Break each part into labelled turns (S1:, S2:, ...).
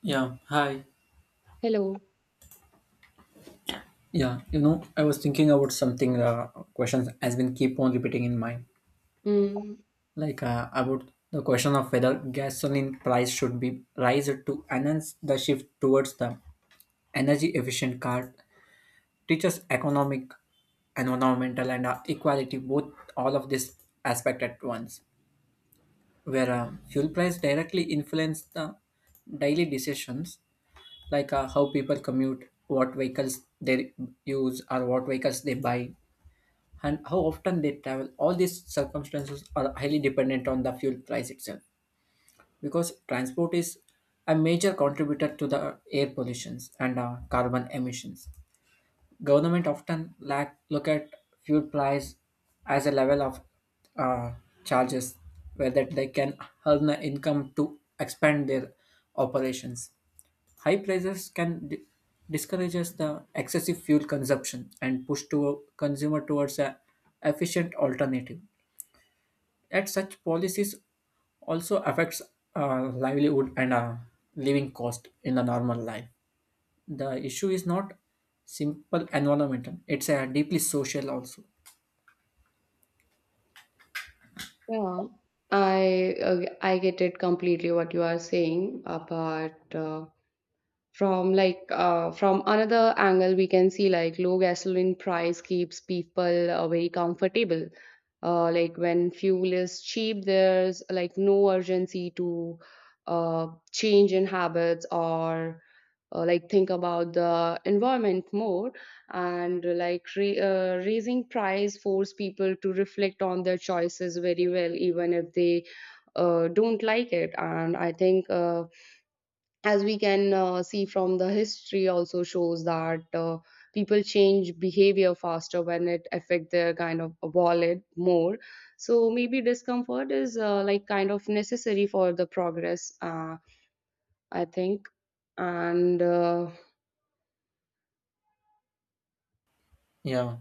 S1: Yeah, hi.
S2: Hello.
S1: Yeah, you know, I was thinking about something. Questions has been keep on repeating in mind,
S2: Mm,
S1: like about the question of whether gasoline price should be raised to enhance the shift towards the energy efficient car. Teaches economic, environmental, and equality both all of this aspect at once, where fuel price directly influence the daily decisions like how people commute, what vehicles they use, or what vehicles they buy and how often they travel. All these circumstances are highly dependent on the fuel price itself because transport is a major contributor to the air pollutions and carbon emissions. Government often look at fuel price as a level of uh, charges where that they can earn the income to expand their operations. High prices can discourage us the excessive fuel consumption and push to consumer towards a efficient alternative. At such policies also affects livelihood and living cost in the normal life. The issue is not simple environmental; it's a deeply social also.
S2: yeah, I uh, I get it completely what you are saying about from like from another angle we can see like low gasoline price keeps people very comfortable like when fuel is cheap there's like no urgency to uh, change in habits or like think about the environment more, and like raising price force people to reflect on their choices very well even if they don't like it. And I think as we can see from the history also shows that people change behavior faster when it affect their kind of wallet more. So maybe discomfort is like kind of necessary for the progress I think. And
S1: Yeah,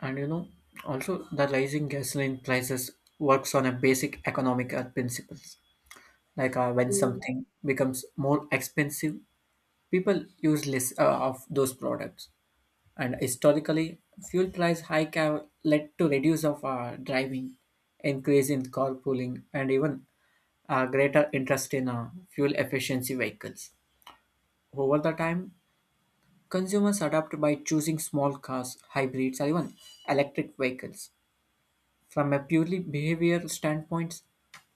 S1: and you know, also the rising gasoline prices works on a basic economic principles. Like when something becomes more expensive, people use less of those products, and historically, fuel price hike have led to reduce of driving, increase in carpooling, and even greater interest in fuel efficiency vehicles. Over the time, consumers adapt by choosing small cars, hybrids, or even electric vehicles. From a purely behavioral standpoint,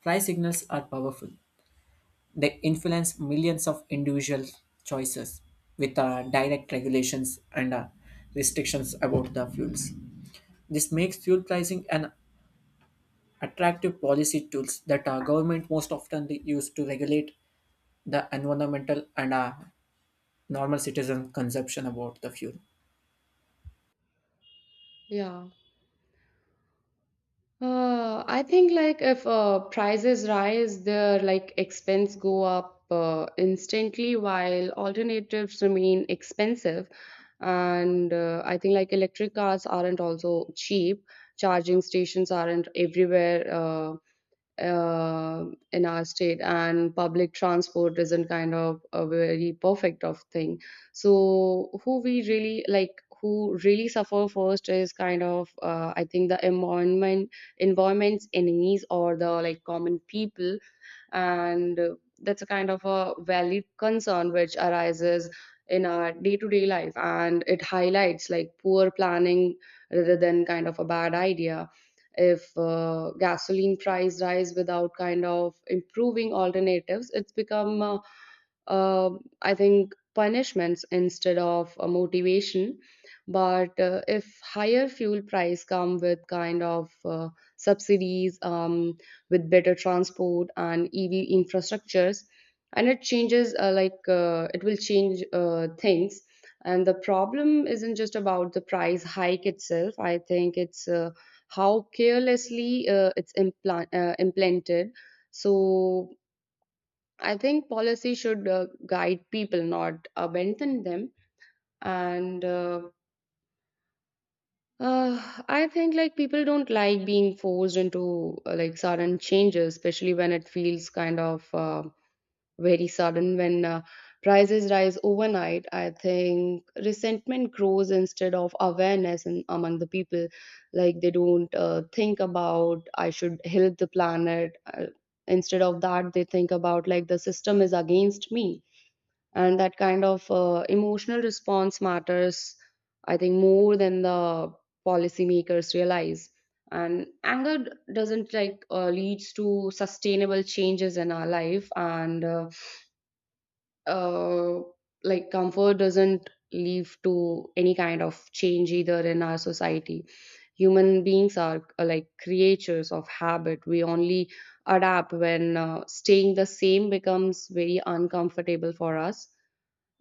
S1: price signals are powerful. They influence millions of individual choices with direct regulations and restrictions about the fuels. This makes fuel pricing an attractive policy tools that our government most often they use to regulate the environmental and normal citizen consumption about the fuel.
S2: yeah. I think like if prices rise, their like expense go up instantly while alternatives remain expensive. And I think like electric cars aren't also cheap. Charging stations aren't everywhere. Uh, in our state, and public transport isn't kind of a very perfect of thing. So who we really like who really suffer first is kind of I think the environment's enemies or the like common people. And that's a kind of a valid concern which arises in our day-to-day life, and it highlights like poor planning rather than kind of a bad idea. If gasoline price rise without kind of improving alternatives, it's become uh, I think punishments instead of a motivation. But if higher fuel price come with kind of subsidies with better transport and EV infrastructures. And it changes, like, it will change things. And the problem isn't just about the price hike itself. I think it's how carelessly it's implanted. So I think policy should guide people, not abandon them. And I think like people don't like being forced into like sudden changes, especially when it feels kind of very sudden. When prices rise overnight, I think resentment grows instead of awareness in, among the people. Like they don't think about I should help the planet instead of that they think about like the system is against me. And that kind of emotional response matters, I think, more than the policymakers realize. And anger doesn't like leads to sustainable changes in our life, and uh, like comfort doesn't leave to any kind of change either in our society. Human beings are like creatures of habit. We only adapt when staying the same becomes very uncomfortable for us.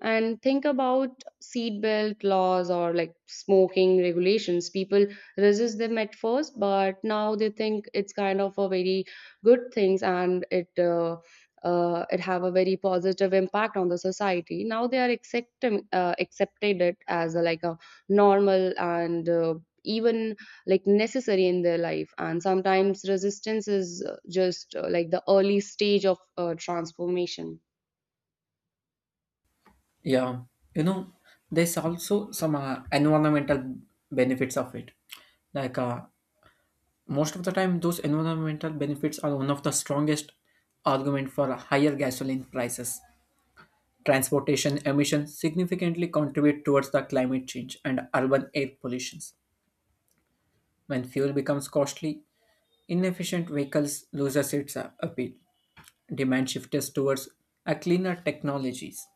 S2: And think about seatbelt laws or like smoking regulations, people resist them at first but now they think it's kind of a very good things, and it it have a very positive impact on the society. Now they are accepting accepted it as a, like a normal, and even like necessary in their life. And sometimes resistance is just like the early stage of transformation.
S1: Yeah, you know, there's also some environmental benefits of it, like most of the time, those environmental benefits are one of the strongest argument for higher gasoline prices. Transportation emissions significantly contribute towards the climate change and urban air pollution. When fuel becomes costly, inefficient vehicles loses its appeal. Demand shifts towards a cleaner technologies.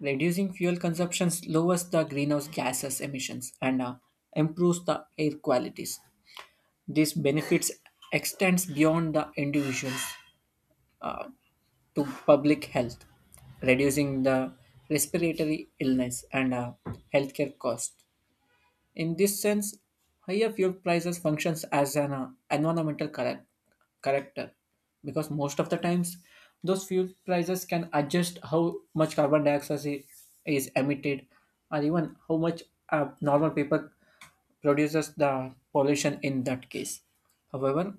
S1: Reducing fuel consumptions lowers the greenhouse gases emissions and improves the air qualities. These benefits extends beyond the individuals uh, to public health, reducing the respiratory illness and healthcare cost. In this sense, higher fuel prices functions as an environmental corrector because most of the times those fuel prices can adjust how much carbon dioxide is emitted or even how much normal people produces the pollution in that case. However,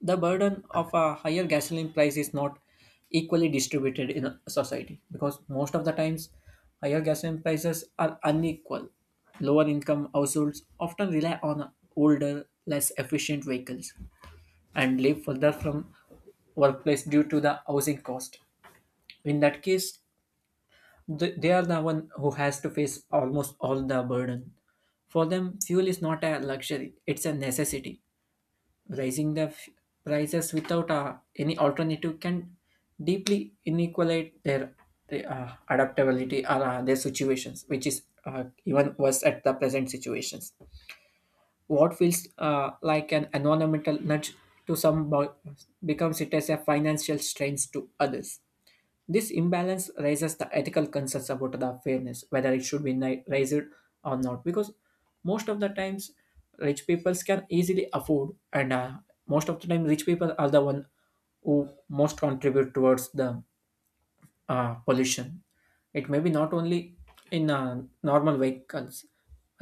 S1: the burden of a higher gasoline price is not equally distributed in a society because most of the times higher gasoline prices are unequal. Lower income households often rely on older less efficient vehicles and live further from workplace due to the housing cost. In that case, they are the one who has to face almost all the burden. For them fuel is not a luxury, it's a necessity. Raising the prices without any alternative can deeply inequalate their adaptability or their situations, which is even worse at the present situations. What feels like an environmental nudge to some becomes it as a financial strain to others. This imbalance raises the ethical concerns about the fairness, whether it should be raised or not, because most of the times rich people can easily afford, and most of the time rich people are the one who most contribute towards the pollution. It may be not only in normal vehicles,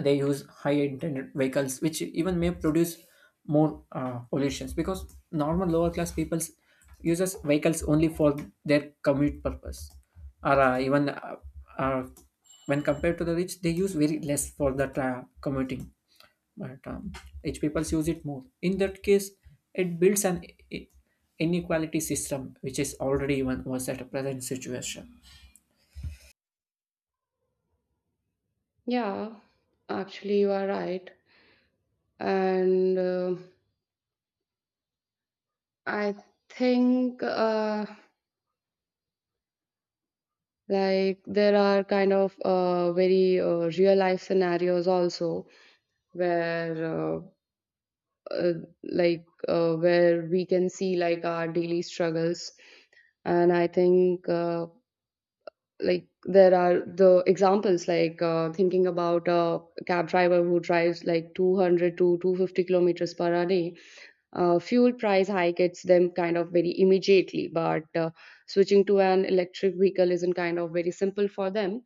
S1: they use high intended vehicles, which even may produce more pollutions because normal lower class people uses vehicles only for their commute purpose, or even uh, when compared to the rich, they use very less for the commuting, but rich people use it more. In that case, it builds an i- inequality system which is already even worse at a present situation.
S2: Yeah, actually, you are right. And I think like there are kind of very real life scenarios also, where uh, like where we can see like our daily struggles. And I think like there are the examples like thinking about a cab driver who drives like 200 to 250 kilometers per hour. Fuel price hike hits them kind of very immediately, but switching to an electric vehicle isn't kind of very simple for them.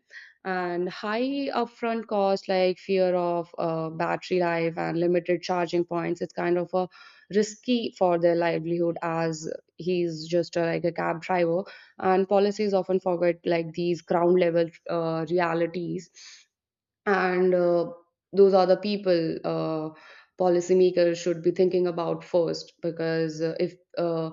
S2: And high upfront cost, like fear of battery life and limited charging points, it's kind of a risky for their livelihood, as he's just like a cab driver. And policies often forget like these ground level realities. And those are the people policymakers should be thinking about first, because if uh,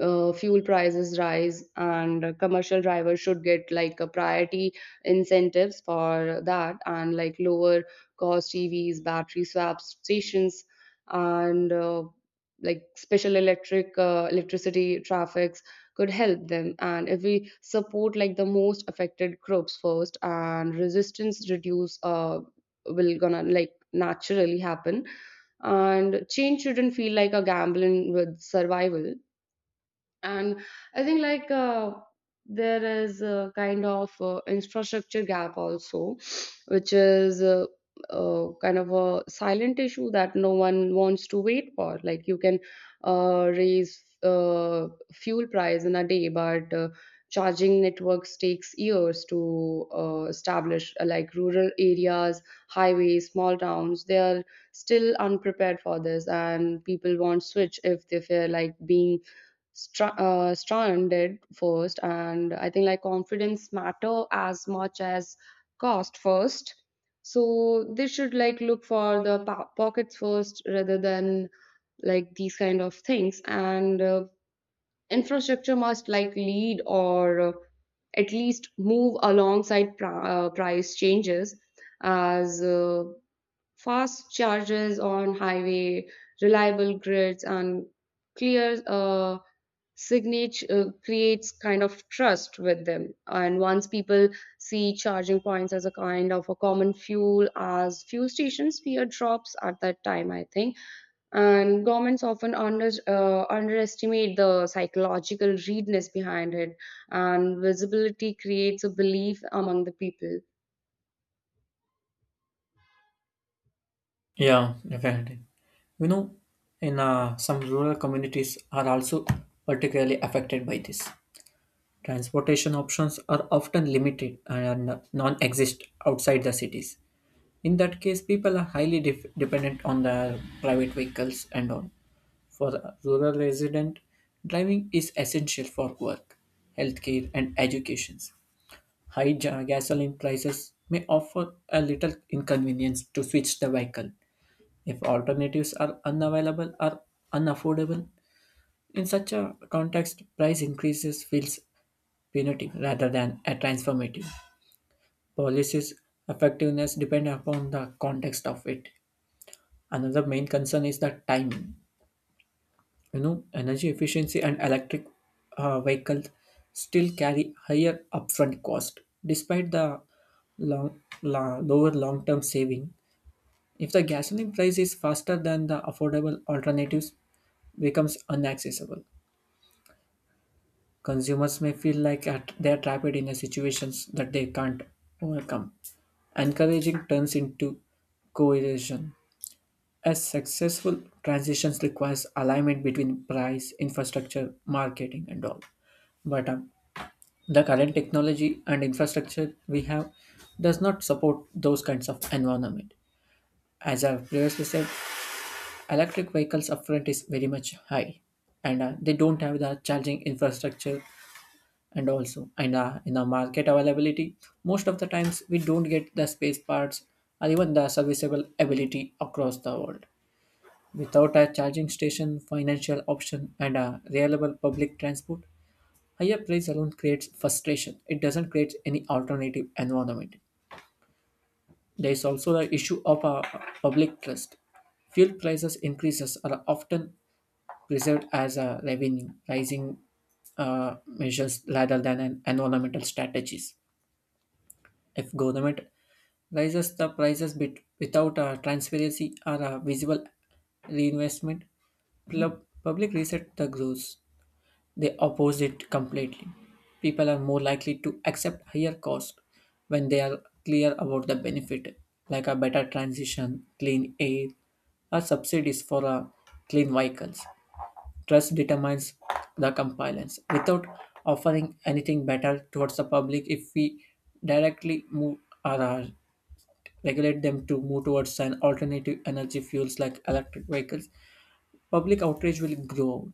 S2: uh, fuel prices rise, and commercial drivers should get like a priority incentives for that. And like lower cost EVs, battery swap stations, and like special electric electricity traffic could help them. And if we support like the most affected groups first, and resistance reduce, will gonna like naturally happen. And change shouldn't feel like a gambling with survival. And I think like there is a kind of infrastructure gap also, which is kind of a silent issue that no one wants to wait for. Like you can raise fuel price in a day, but charging networks takes years to establish. Like rural areas, highways, small towns, they are still unprepared for this, and people won't switch if they feel like being stranded first. And I think like confidence matter as much as cost first. So they should like look for the pockets first rather than like these kind of things. And infrastructure must like lead, or at least move alongside price changes, as fast charges on highway, reliable grids, and clear signage creates kind of trust with them. And once people see charging points as a kind of a common fuel as fuel stations, fear drops at that time, I think. And governments often underestimate the psychological readiness behind it. And visibility creates a belief among the people.
S1: Yeah, definitely. You know, in some rural communities are also particularly affected by this. Transportation options are often limited and non-exist outside the cities. In that case, people are highly dependent on the private vehicles and on. For a rural resident, driving is essential for work, healthcare, and education. High gasoline prices may offer a little inconvenience to switch the vehicle. If alternatives are unavailable or unaffordable, in such a context, price increases feels punitive rather than a transformative. Policies' effectiveness depend upon the context of it. Another main concern is the timing. You know, energy efficiency and electric vehicles still carry higher upfront cost, despite the lower long-term saving. If the gasoline price is faster than the affordable alternatives, becomes unaccessible. Consumers may feel like they are trapped in a situations that they can't overcome. Encouraging turns into coercion. A successful transition requires alignment between price, infrastructure, marketing, and all. But the current technology and infrastructure we have does not support those kinds of environment. As I've previously said, electric vehicles upfront is very much high, and they don't have the charging infrastructure and also in the market availability, most of the times we don't get the space parts or even the serviceable ability across the world. Without a charging station financial option and a reliable public transport, higher price alone creates frustration, it doesn't create any alternative environment. There is also the issue of a public trust. Fuel prices increases are often preserved as a revenue pricing measures rather than an environmental strategies. If government raises the prices bit without transparency or visible reinvestment, public reset the growth. They oppose it completely. People are more likely to accept higher cost when they are clear about the benefit, like a better transition, clean air, or subsidies for clean vehicles. Trust determines the compliance. Without offering anything better towards the public, if we directly move or regulate them to move towards an alternative energy fuels like electric vehicles, public outrage will grow.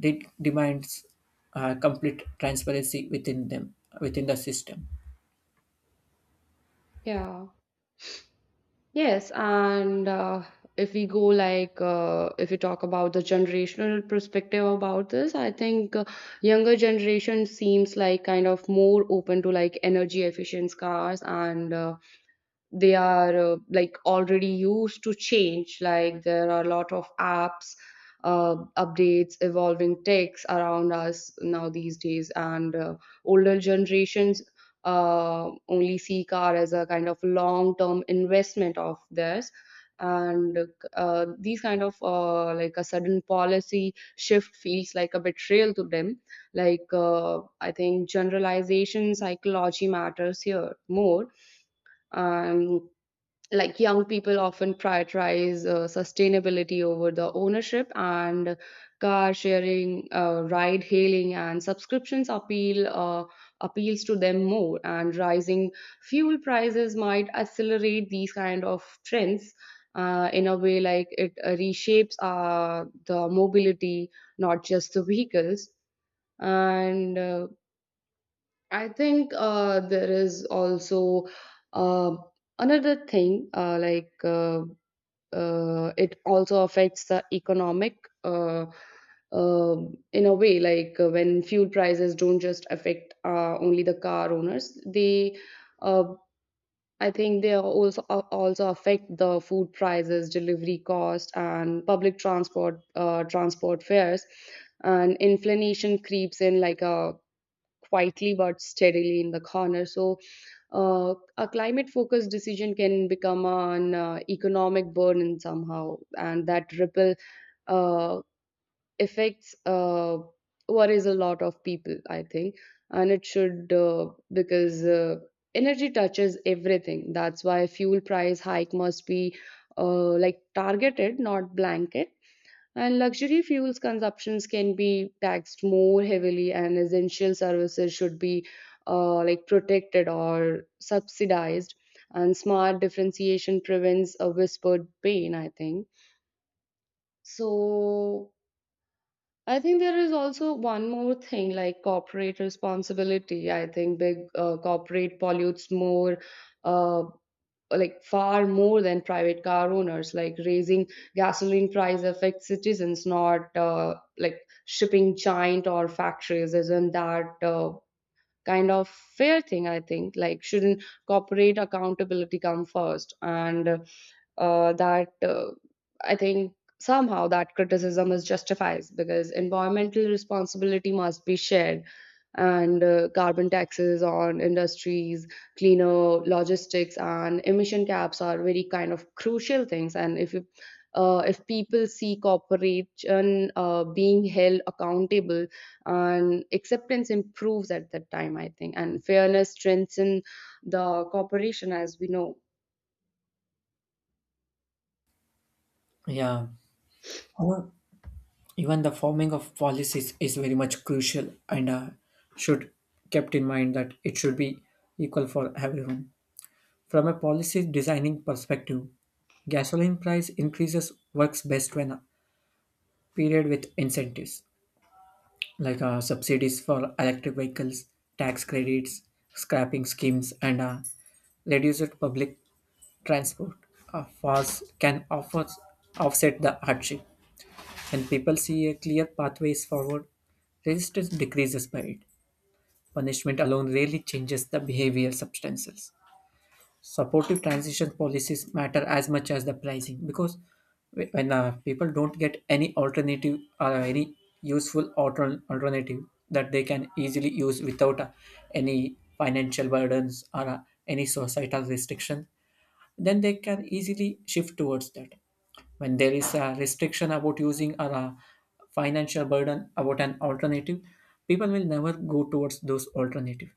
S1: It demands complete transparency within them, within the system.
S2: Yeah. Yes, and if we go like if we talk about the generational perspective about this, I think younger generation seems like kind of more open to like energy efficient cars. And they are like already used to change, like there are a lot of apps, updates, evolving techs around us now these days. And older generations only see car as a kind of long term investment of theirs. And these kind of like a sudden policy shift feels like a betrayal to them. Like I think generalization psychology matters here more. um, like young people often prioritize sustainability over the ownership, and car sharing, ride hailing, and subscriptions appeals to them more. And rising fuel prices might accelerate these kind of trends in a way, like it reshapes the mobility, not just the vehicles. And I think there is also uh, another thing, like it also affects the economic uh, in a way. Like when fuel prices don't just affect only the car owners, they uh, I think they are also also affect the food prices, delivery cost, and public transport transport fares. And inflation creeps in like a quietly but steadily in the corner. So a climate focused decision can become an economic burden somehow, and that ripple uh, affects worries a lot of people, I think. And it should because energy touches everything. That's why fuel price hike must be like targeted, not blanket. And luxury fuels consumptions can be taxed more heavily, and essential services should be like protected or subsidized. And smart differentiation prevents a whispered pain, I think. So I think there is also one more thing like corporate responsibility. I think big corporate pollutes more. Uh, like far more than private car owners, like raising gasoline price affects citizens, not like shipping giant or factories. Isn't that kind of fair thing? I think, like shouldn't corporate accountability come first? And that I think somehow that criticism is justified because environmental responsibility must be shared. And carbon taxes on industries, cleaner logistics, and emission caps are very kind of crucial things. And if you if people see corporation being held accountable, and acceptance improves at that time, I think. And fairness strengthens the cooperation, as we know.
S1: Yeah. However, even the forming of policies is very much crucial and should kept in mind that it should be equal for everyone. From a policy designing perspective, gasoline price increases works best when period with incentives like subsidies for electric vehicles, tax credits, scrapping schemes, and reduced public transport fares can offset the hardship. When people see a clear pathways forward, resistance decreases by it. Punishment alone rarely changes the behavior substances. Supportive transition policies matter as much as the pricing because when people don't get any alternative or any useful alternative that they can easily use without any financial burdens or any societal restriction, then they can easily shift towards that. When there is a restriction about using or a financial burden about an alternative, people will never go towards those alternative.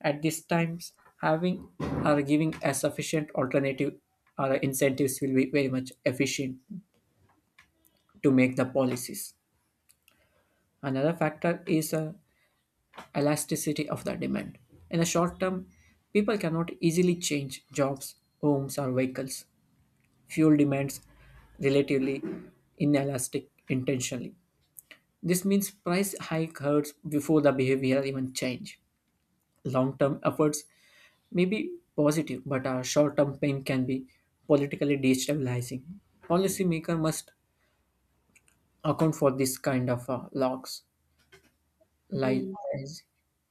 S1: At these times, having or giving a sufficient alternative or incentives will be very much efficient to make the policies. Another factor is elasticity of the demand. In the short term, people cannot easily change jobs, homes or vehicles. Fuel demands relatively inelastic intentionally. This means price hike hurts before the behavior even change. Long-term efforts may be positive, but our short-term pain can be politically destabilizing. Policymaker must account for this kind of locks. Li-
S2: Mm.
S1: rise-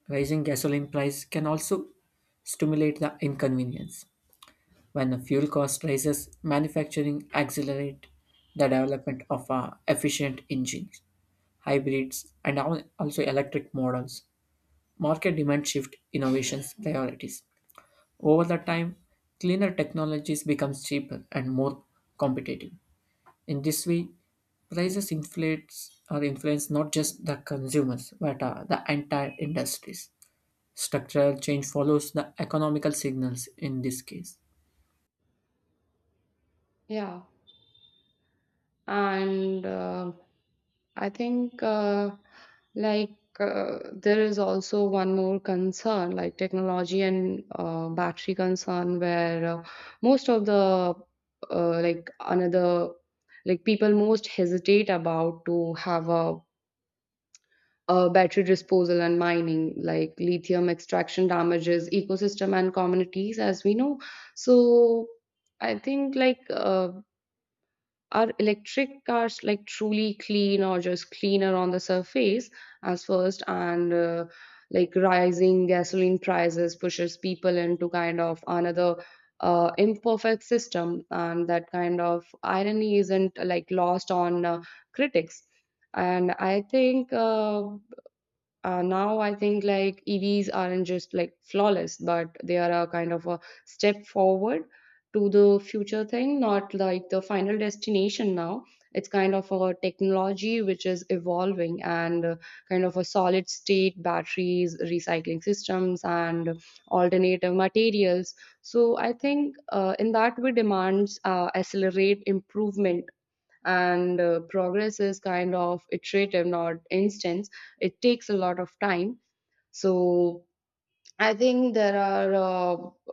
S1: Rising gasoline price can also stimulate the inconvenience. When the fuel cost rises, manufacturing accelerate the development of efficient engines, hybrids, and also electric models. Market demand shift innovations priorities. Over the time, cleaner technologies becomes cheaper and more competitive. In this way, prices inflates or influence not just the consumers but the entire industries. Structural change follows the economical signals in this case.
S2: Yeah, and I think like there is also one more concern like technology and battery concern, where most of the like another, like people most hesitate about to have a battery disposal and mining, like lithium extraction damages ecosystem and communities, as we know. So I think like are electric cars like truly clean or just cleaner on the surface as first? And like rising gasoline prices pushes people into kind of another imperfect system, and that kind of irony isn't like lost on critics. And I think now I think like EVs aren't just like flawless, but they are a kind of a step forward to the future thing, not like the final destination now. It's kind of a technology which is evolving, and kind of a solid state batteries, recycling systems, and alternative materials. So I think in that way, demands accelerate improvement and progress is kind of iterative not instant. It takes a lot of time, so I think there are uh,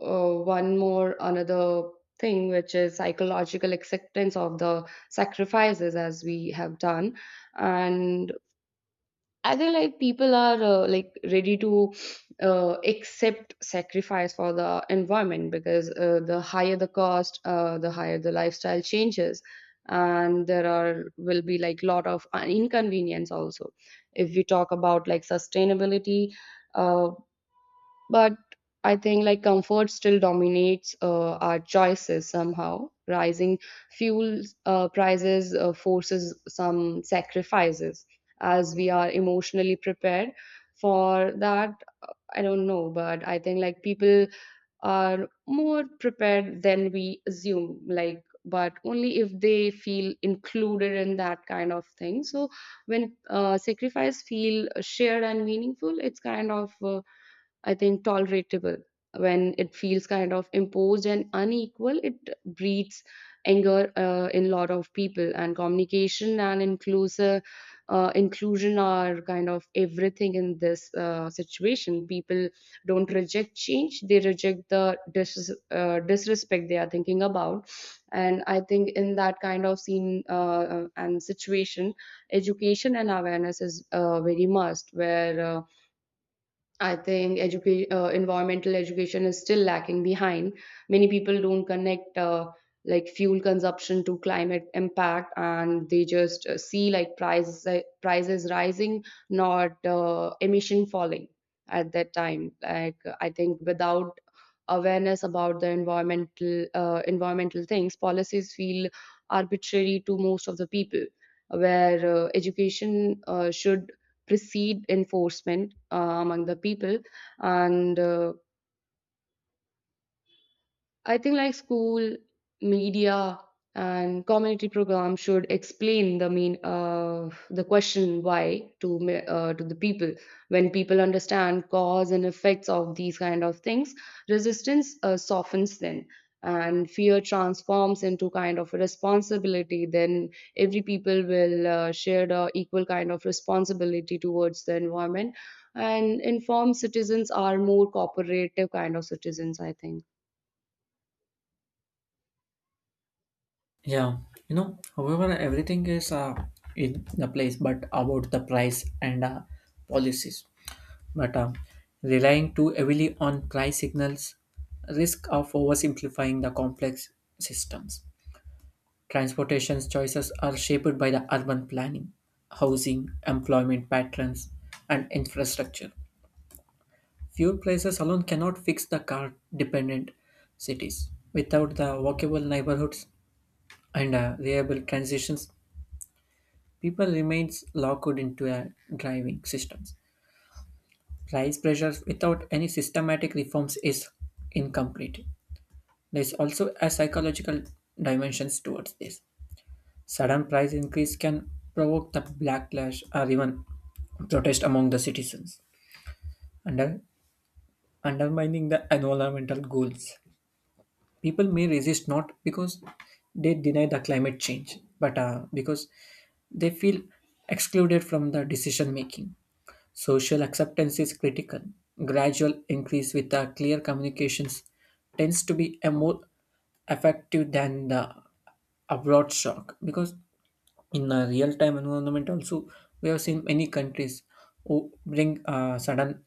S2: uh, one more another thing which is psychological acceptance of the sacrifices as we have done. And I think like people are like ready to accept sacrifice for the environment, because the higher the cost, the higher the lifestyle changes, and there are will be like lot of inconvenience also. If we talk about like sustainability. uh, but I think like comfort still dominates our choices somehow. Rising fuel prices forces some sacrifices as we are emotionally prepared for that. I don't know, but I think like people are more prepared than we assume. Like, but only if they feel included in that kind of thing. So when sacrifice feel shared and meaningful, it's kind of I think, tolerable. When it feels kind of imposed and unequal, it breeds anger in a lot of people. And communication and inclusive inclusion are kind of everything in this situation. People don't reject change; they reject the disrespect they are thinking about. And I think in that kind of scene and situation, education and awareness is very must. Where I think environmental education is still lacking behind. Many people don't connect like fuel consumption to climate impact, and they just see like prices rising, not emission falling at that time. Like I think without awareness about the environmental things, policies feel arbitrary to most of the people. Where education should precede enforcement among the people, and I think like school, media, and community programs should explain the mean the question why to to the people. When people understand cause and effects of these kind of things, resistance softens then, and fear transforms into kind of responsibility. Then every people will share the equal kind of responsibility towards the environment, and informed citizens are more cooperative kind of citizens, I think.
S1: Yeah, you know, however, everything is in the place, but about the price and policies. But relying too heavily on price signals risk of oversimplifying the complex systems. Transportation choices are shaped by the urban planning, housing, employment patterns, and infrastructure. Few places alone cannot fix the car dependent cities. Without the walkable neighborhoods and reliable transitions, people remains locked into a driving systems. Price pressures without any systematic reforms is incomplete. There is also a psychological dimensions towards this. Sudden price increase can provoke the backlash or even protest among the citizens, under, undermining the environmental goals. People may resist not because they deny the climate change, but because they feel excluded from the decision making. Social acceptance is critical. Gradual increase with a clear communications tends to be a more effective than the abroad shock because in a real time environment also we have seen many countries who bring sudden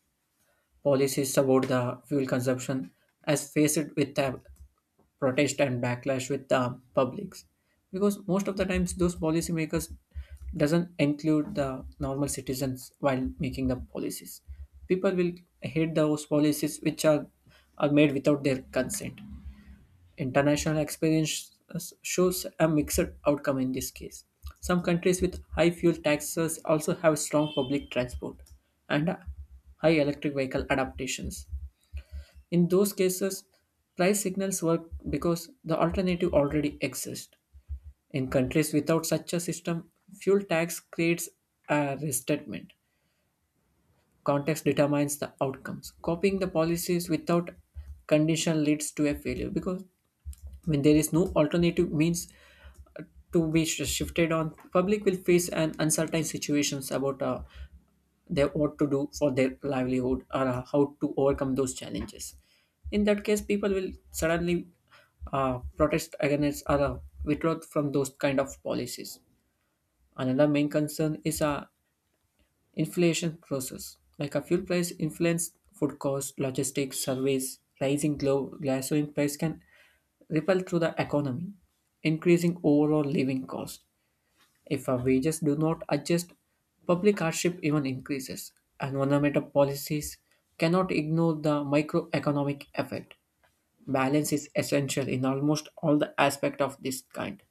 S1: policies about the fuel consumption as faced with the protest and backlash with the publics because most of the times those policymakers doesn't include the normal citizens while making the policies. People will hate those policies which are made without their consent. International experience shows a mixed outcome in this case. Some countries with high fuel taxes also have strong public transport and high electric vehicle adaptations. In those cases, price signals work because the alternative already exists. In countries without such a system, fuel tax creates a restatement. Context determines the outcomes. Copying the policies without condition leads to a failure because when there is no alternative means uh, to be shifted on, public will face an uncertain situations about they what to do for their livelihood or how to overcome those challenges. In that case people will suddenly protest against or withdraw from those kind of policies. Another main concern is inflation process. Like a fuel price influence food cost, logistics, service, rising gasoline price can ripple through the economy, increasing overall living cost. If our wages do not adjust, public hardship even increases. Environmental policies cannot ignore the microeconomic effect. Balance is essential in almost all the aspect of this kind.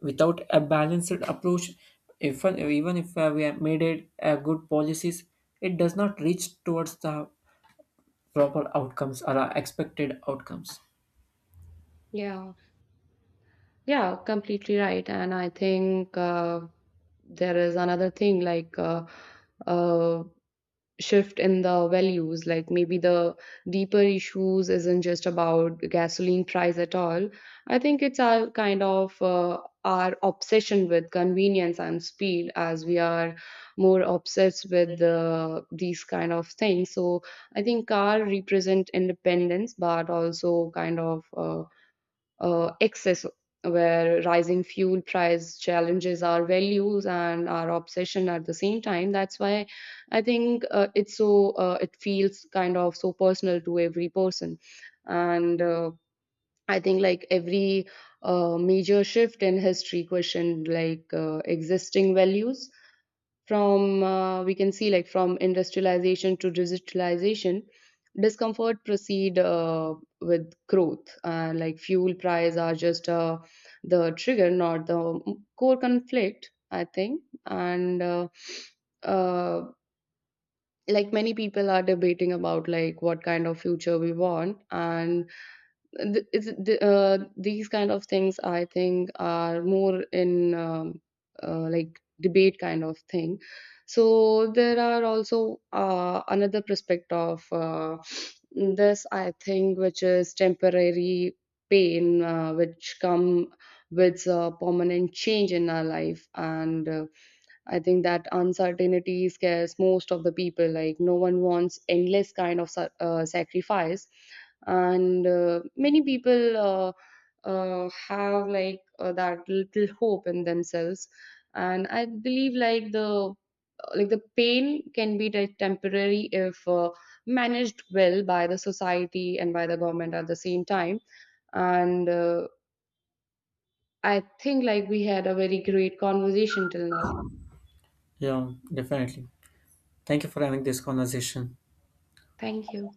S1: Without a balanced approach, if even if we have made it good policies, it does not reach towards the proper outcomes or expected outcomes.
S2: Yeah. Yeah, completely right. And I think there is another thing like uh, shift in the values. Like maybe the deeper issues isn't just about gasoline price at all. I think it's our kind of our obsession with convenience and speed as we are more obsessed with these kind of things. So I think car represent independence, but also kind of. Excess, where rising fuel price challenges our values and our obsession at the same time. That's why I think it's so it feels kind of so personal to every person. And I think like every major shift in history questioned like existing values. From we can see like from industrialization to digitalization, discomfort proceed with growth, and like fuel price are just the trigger, not the core conflict, I think. And uh, uh, like many people are debating about like what kind of future we want, and these kind of things I think are more in like debate kind of thing. So there are also another prospect of this, I think, which is temporary pain which come with a permanent change in our life. And I think that uncertainty scares most of the people. Like no one wants endless kind of sacrifice, and many people have like that little hope in themselves. And I believe like the pain can be temporary if managed well by the society and by the government at the same time. And I think like we had a very great conversation till now.
S1: Yeah, definitely. Thank you for having this conversation.
S2: Thank you.